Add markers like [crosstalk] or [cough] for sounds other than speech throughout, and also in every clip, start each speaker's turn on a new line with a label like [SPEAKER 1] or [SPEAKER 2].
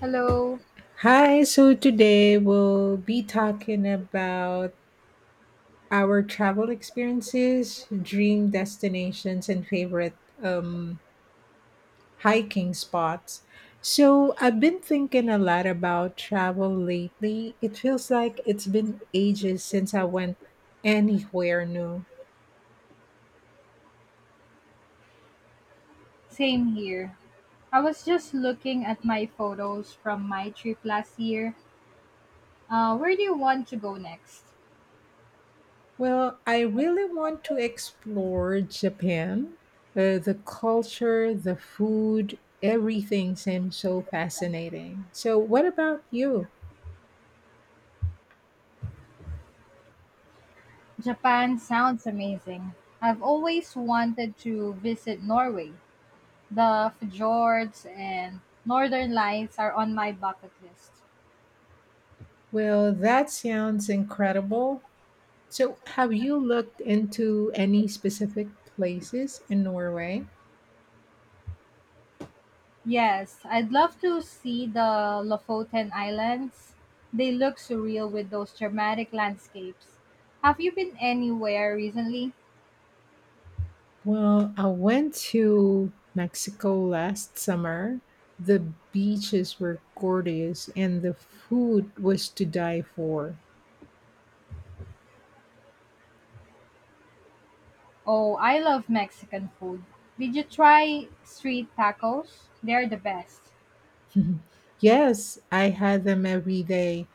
[SPEAKER 1] Hello,
[SPEAKER 2] Hi, so today we'll be talking about our travel experiences, dream destinations, and favorite hiking spots. So, I've been thinking a lot about travel lately. It feels like it's been ages since I went anywhere new.
[SPEAKER 1] same here. I was just looking at my photos from my trip last year. Where do you want to go next?
[SPEAKER 2] Well, I really want to explore Japan. The culture, the food, everything seems so fascinating. So, what about you?
[SPEAKER 1] Japan sounds amazing. I've always wanted to visit Norway. The fjords and northern lights are on my bucket list.
[SPEAKER 2] Well, that sounds incredible. So, have you looked into any specific places in Norway?
[SPEAKER 1] Yes, I'd love to see the Lofoten Islands. They look surreal with those dramatic landscapes. Have you been anywhere recently?
[SPEAKER 2] Well, I went to Mexico last summer. The beaches were gorgeous and the food was to die for.
[SPEAKER 1] Oh, I love Mexican food. Did you try street tacos? They're the best.
[SPEAKER 2] Mhm. Yes, I had them every day.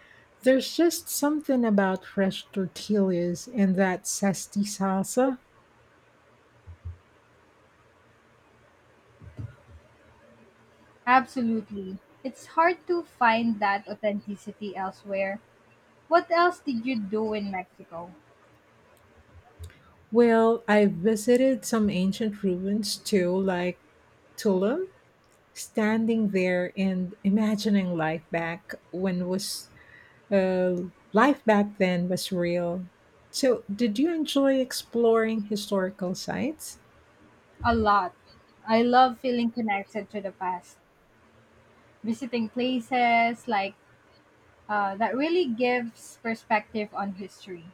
[SPEAKER 2] There's just something about fresh tortillas and that zesty salsa.
[SPEAKER 1] Absolutely. It's hard to find that authenticity elsewhere. What else did you do in Mexico?
[SPEAKER 2] Well, I visited some ancient ruins too, like Tulum, standing there and imagining Uh, life back then was real. So, did you enjoy exploring historical sites?
[SPEAKER 1] A lot. I love feeling connected to the past. Visiting places like that really gives perspective on history.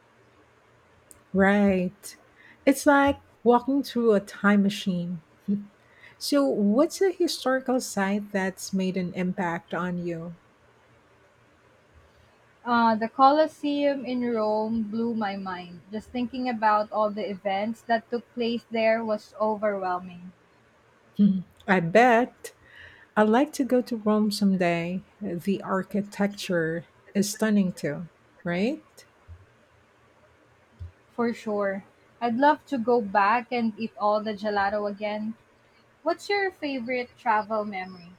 [SPEAKER 2] Right. It's like walking through a time machine. [laughs] So, what's a historical site that's made an impact on you? [laughs]
[SPEAKER 1] The Colosseum in Rome blew my mind. Just thinking about all the events that took place there was overwhelming,
[SPEAKER 2] Hmm, I bet I'd like to go to Rome someday. The architecture is stunning too, right?
[SPEAKER 1] for sure. I'd love to go back and eat all the gelato again. What's your favorite travel memory?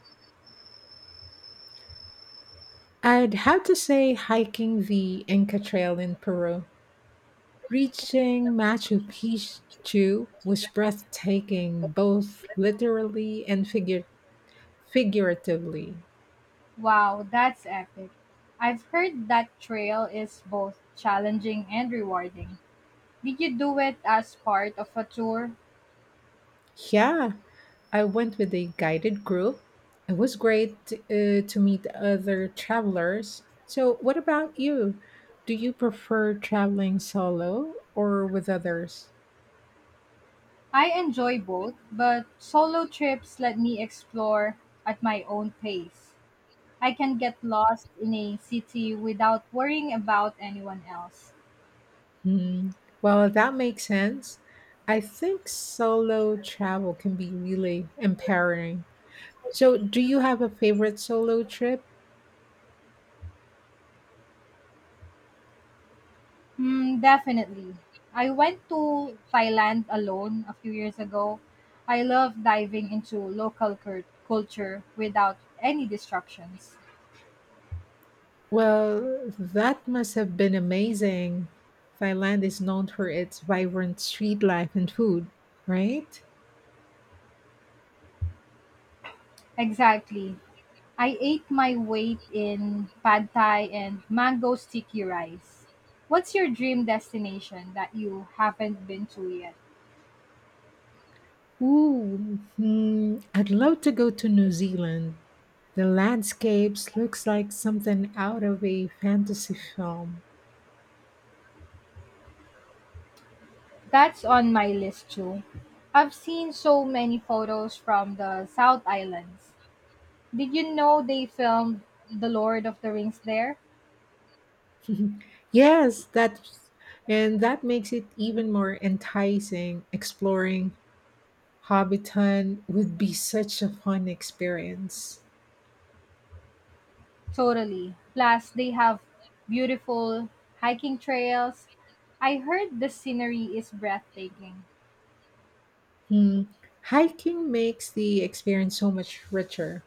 [SPEAKER 2] I'd have to say hiking the Inca Trail in Peru. Reaching Machu Picchu was breathtaking, both literally and figuratively.
[SPEAKER 1] Wow, that's epic. I've heard that trail is both challenging and rewarding. Did you do it as part of a tour?
[SPEAKER 2] Yeah, I went with a guided group. It was great to meet other travelers. So, what about you? Do you prefer traveling solo or with others?
[SPEAKER 1] I enjoy both, but solo trips let me explore at my own pace. I can get lost in a city without worrying about anyone else.
[SPEAKER 2] Hmm. Well, that makes sense. I think solo travel can be really empowering. So, do you have a favorite solo trip?
[SPEAKER 1] Hmm, definitely. I went to Thailand alone a few years ago. I love diving into local culture without any distractions.
[SPEAKER 2] Well, that must have been amazing. Thailand is known for its vibrant street life and food, right?
[SPEAKER 1] Exactly. I ate my weight in pad thai and mango sticky rice. What's your dream destination that you haven't been to yet?
[SPEAKER 2] Ooh, hmm, I'd love to go to New Zealand. The landscapes looks like something out of a fantasy film.
[SPEAKER 1] That's on my list too. I've seen so many photos from the South Islands. Did you know they filmed The Lord of the Rings there?
[SPEAKER 2] [laughs] Yes, that's, and that makes it even more enticing. Exploring Hobbiton would be such a fun experience.
[SPEAKER 1] Totally. Plus, they have beautiful hiking trails. I heard the scenery is breathtaking.
[SPEAKER 2] Hmm. Hiking makes the experience so much richer.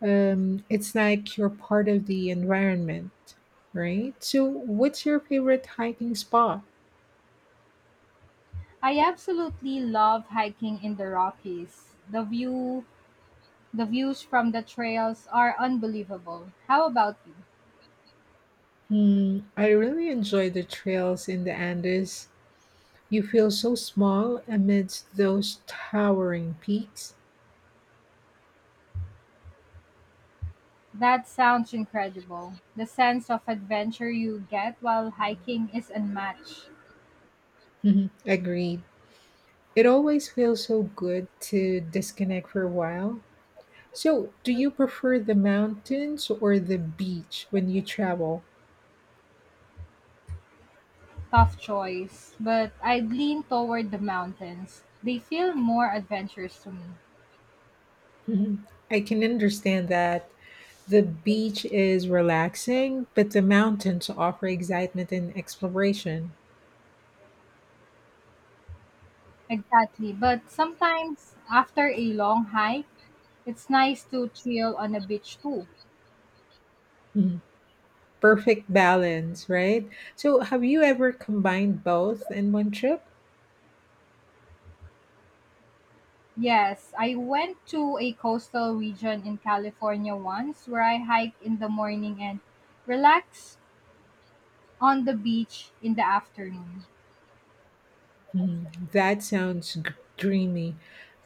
[SPEAKER 2] It's like you're part of the environment, right? So, what's your favorite hiking spot?
[SPEAKER 1] I absolutely love hiking in the Rockies. The views from the trails are unbelievable. How about you?
[SPEAKER 2] Hmm. I really enjoy the trails in the Andes. You feel so small amidst those towering peaks.
[SPEAKER 1] That sounds incredible. The sense of adventure you get while hiking is unmatched.
[SPEAKER 2] Mhm, agreed. It always feels so good to disconnect for a while. So, do you prefer the mountains or the beach when you travel?
[SPEAKER 1] Tough choice, but I'd lean toward the mountains. They feel more adventurous to me.
[SPEAKER 2] Mhm. I can understand that. The beach is relaxing, but the mountains offer excitement and exploration.
[SPEAKER 1] Exactly, but sometimes after a long hike, it's nice to chill on a beach too.
[SPEAKER 2] Mhm. Perfect balance, right? So, have you ever combined both in one trip?
[SPEAKER 1] Yes, I went to a coastal region in California once where I hiked in the morning and relaxed on the beach in the afternoon.
[SPEAKER 2] Mhm. Dreamy.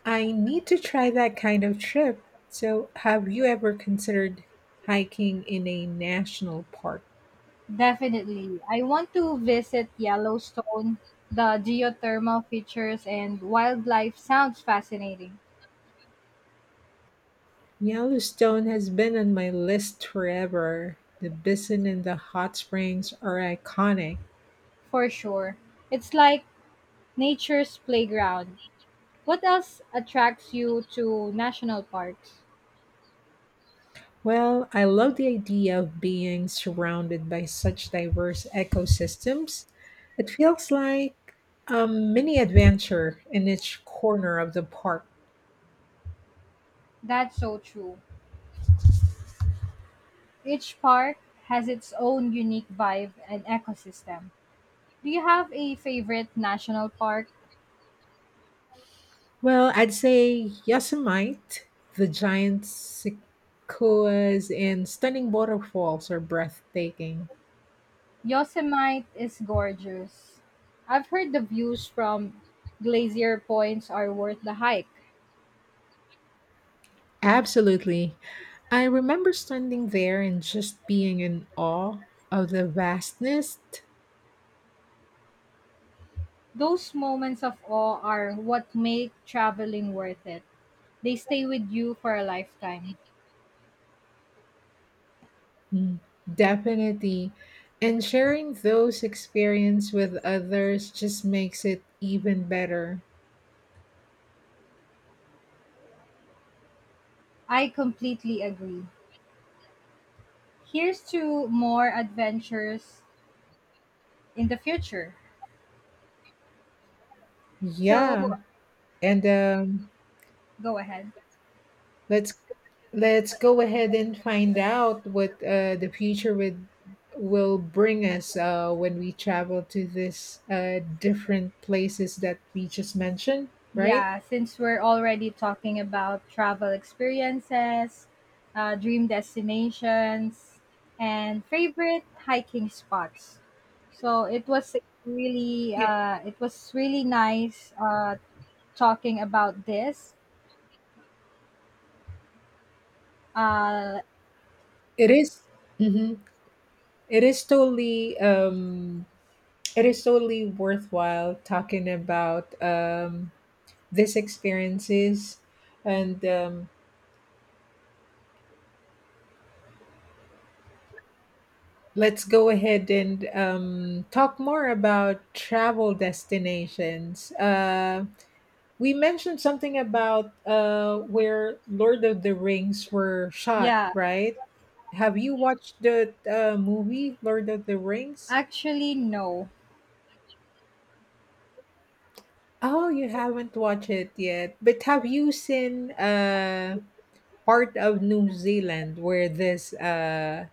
[SPEAKER 2] I need to try that kind of trip. So, have you ever considered hiking in a national park?
[SPEAKER 1] Definitely. I want to visit Yellowstone. The geothermal features and wildlife sounds fascinating,
[SPEAKER 2] Yellowstone has been on my list forever. The basin and the hot springs are iconic.
[SPEAKER 1] for sure. It's like nature's playground. What else attracts you to national parks?
[SPEAKER 2] Well, I love the idea of being surrounded by such diverse ecosystems. It feels like a mini adventure in each corner of the park.
[SPEAKER 1] That's so true. Each park has its own unique vibe and ecosystem. Do you have a favorite national park?
[SPEAKER 2] Well, I'd say Yosemite, the giant sequoias and stunning waterfalls are breathtaking.
[SPEAKER 1] Yosemite is gorgeous. I've heard the views from glacier points are worth the hike.
[SPEAKER 2] Absolutely. I remember standing there and just being in awe of the vastness.
[SPEAKER 1] Those moments of awe are what make traveling worth it. They stay with you for a lifetime.
[SPEAKER 2] Mm, definitely. And sharing those experience with others just makes it even better.
[SPEAKER 1] I completely agree. Here's to more adventures in the future. So,
[SPEAKER 2] Yeah. And
[SPEAKER 1] go ahead.
[SPEAKER 2] let's let's go ahead and find out what the future would will bring us when we travel to this different places that we just mentioned, right?
[SPEAKER 1] Yeah, since we're already talking about travel experiences, dream destinations, and favorite hiking spots, so it was really nice talking about this. Uh,
[SPEAKER 2] It is- mhm. It is totally um it is totally worthwhile talking about these experiences and let's go ahead and talk more about travel destinations. We mentioned something about where Lord of the Rings were shot,
[SPEAKER 1] yeah,
[SPEAKER 2] right? Have you watched the movie Lord of the Rings?
[SPEAKER 1] actually no,
[SPEAKER 2] Oh, you haven't watched it yet. But have you seen part of New Zealand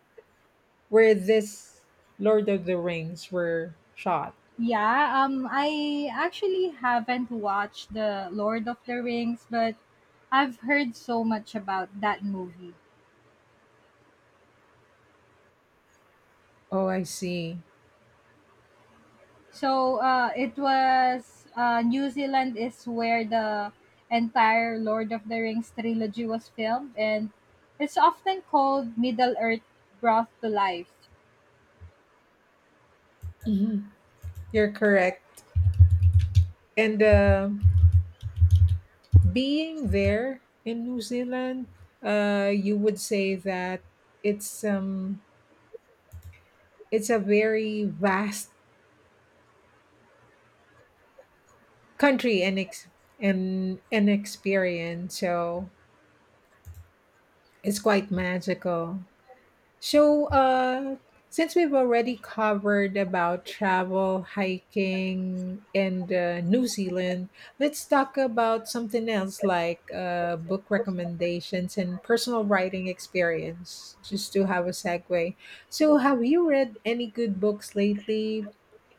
[SPEAKER 2] where this Lord of the Rings were shot?
[SPEAKER 1] yeah, I actually haven't watched the Lord of the Rings, but I've heard so much about that movie.
[SPEAKER 2] Oh, I see.
[SPEAKER 1] So, it was New Zealand is where the entire Lord of the Rings trilogy was filmed, and it's often called Middle Earth brought to life.
[SPEAKER 2] Mhm. You're correct. And being there in New Zealand, you would say that it's um it's a very vast country and an experience. So it's quite magical. So, since we've already covered about travel, hiking, and New Zealand, let's talk about something else like book recommendations and personal writing experience, just to have a segue. So, have you read any good books lately?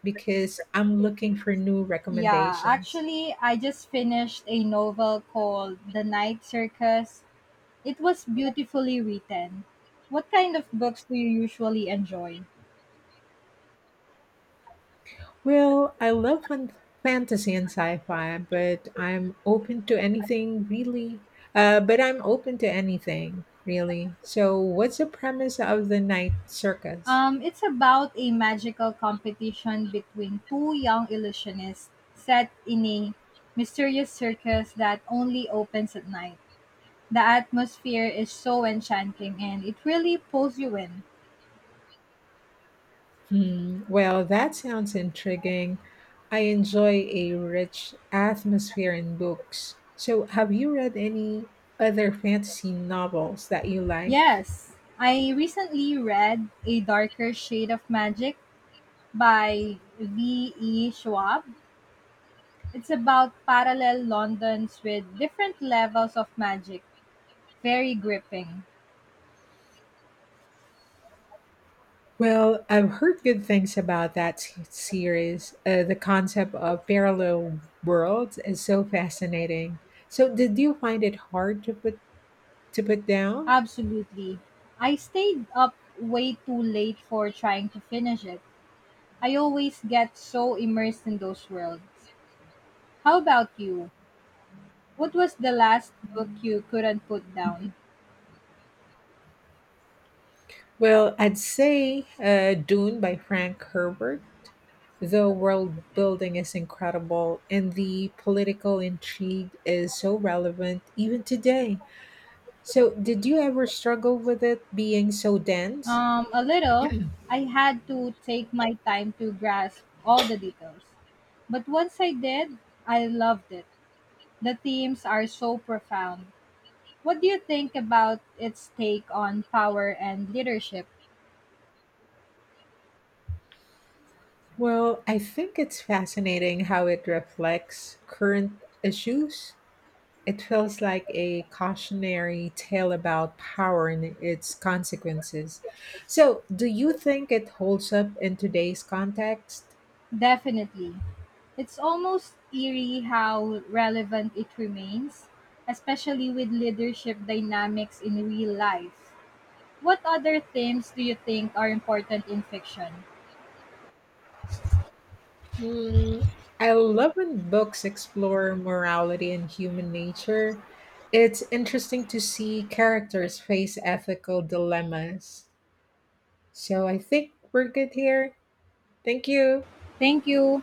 [SPEAKER 2] Because I'm looking for new
[SPEAKER 1] Yeah,
[SPEAKER 2] recommendations.
[SPEAKER 1] actually, I just finished a novel called The Night Circus. It was beautifully written. What kind of books do you usually enjoy?
[SPEAKER 2] Well, I love fantasy and sci-fi, but I'm open to anything really. So, what's the premise of the Night Circus?
[SPEAKER 1] It's about a magical competition between two young illusionists set in a mysterious circus that only opens at night. The atmosphere is so enchanting and it really pulls you in.
[SPEAKER 2] Hmm. Well, that sounds intriguing. I enjoy a rich atmosphere in books. So, have you read any other fantasy novels that you like?
[SPEAKER 1] Yes, I recently read A Darker Shade of Magic by V.E. Schwab. It's about parallel Londons with different levels of magic. Very gripping.
[SPEAKER 2] Well, I've heard good things about that series. The concept of parallel worlds is so fascinating. So, did you find it hard to put down?
[SPEAKER 1] Absolutely. I stayed up way too late for trying to finish it. I always get so immersed in those worlds. How about you? What was the last book you couldn't put down?
[SPEAKER 2] Well, I'd say Dune by Frank Herbert. The world building is incredible, and the political intrigue is so relevant even today. So, did you ever struggle with it being so dense?
[SPEAKER 1] A little. I had to take my time to grasp all the details. But once I did, I loved it. The themes are so profound. What do you think about its take on power and leadership?
[SPEAKER 2] Well, I think it's fascinating how it reflects current issues. It feels like a cautionary tale about power and its consequences. So, do you think it holds up in today's context?
[SPEAKER 1] Definitely. It's almost eerie how relevant it remains, especially with leadership dynamics in real life. What other themes do you think are important in fiction?
[SPEAKER 2] Hmm, I love when books explore morality and human nature. It's interesting to see characters face ethical dilemmas. So, I think we're good here. Thank you.
[SPEAKER 1] Thank you.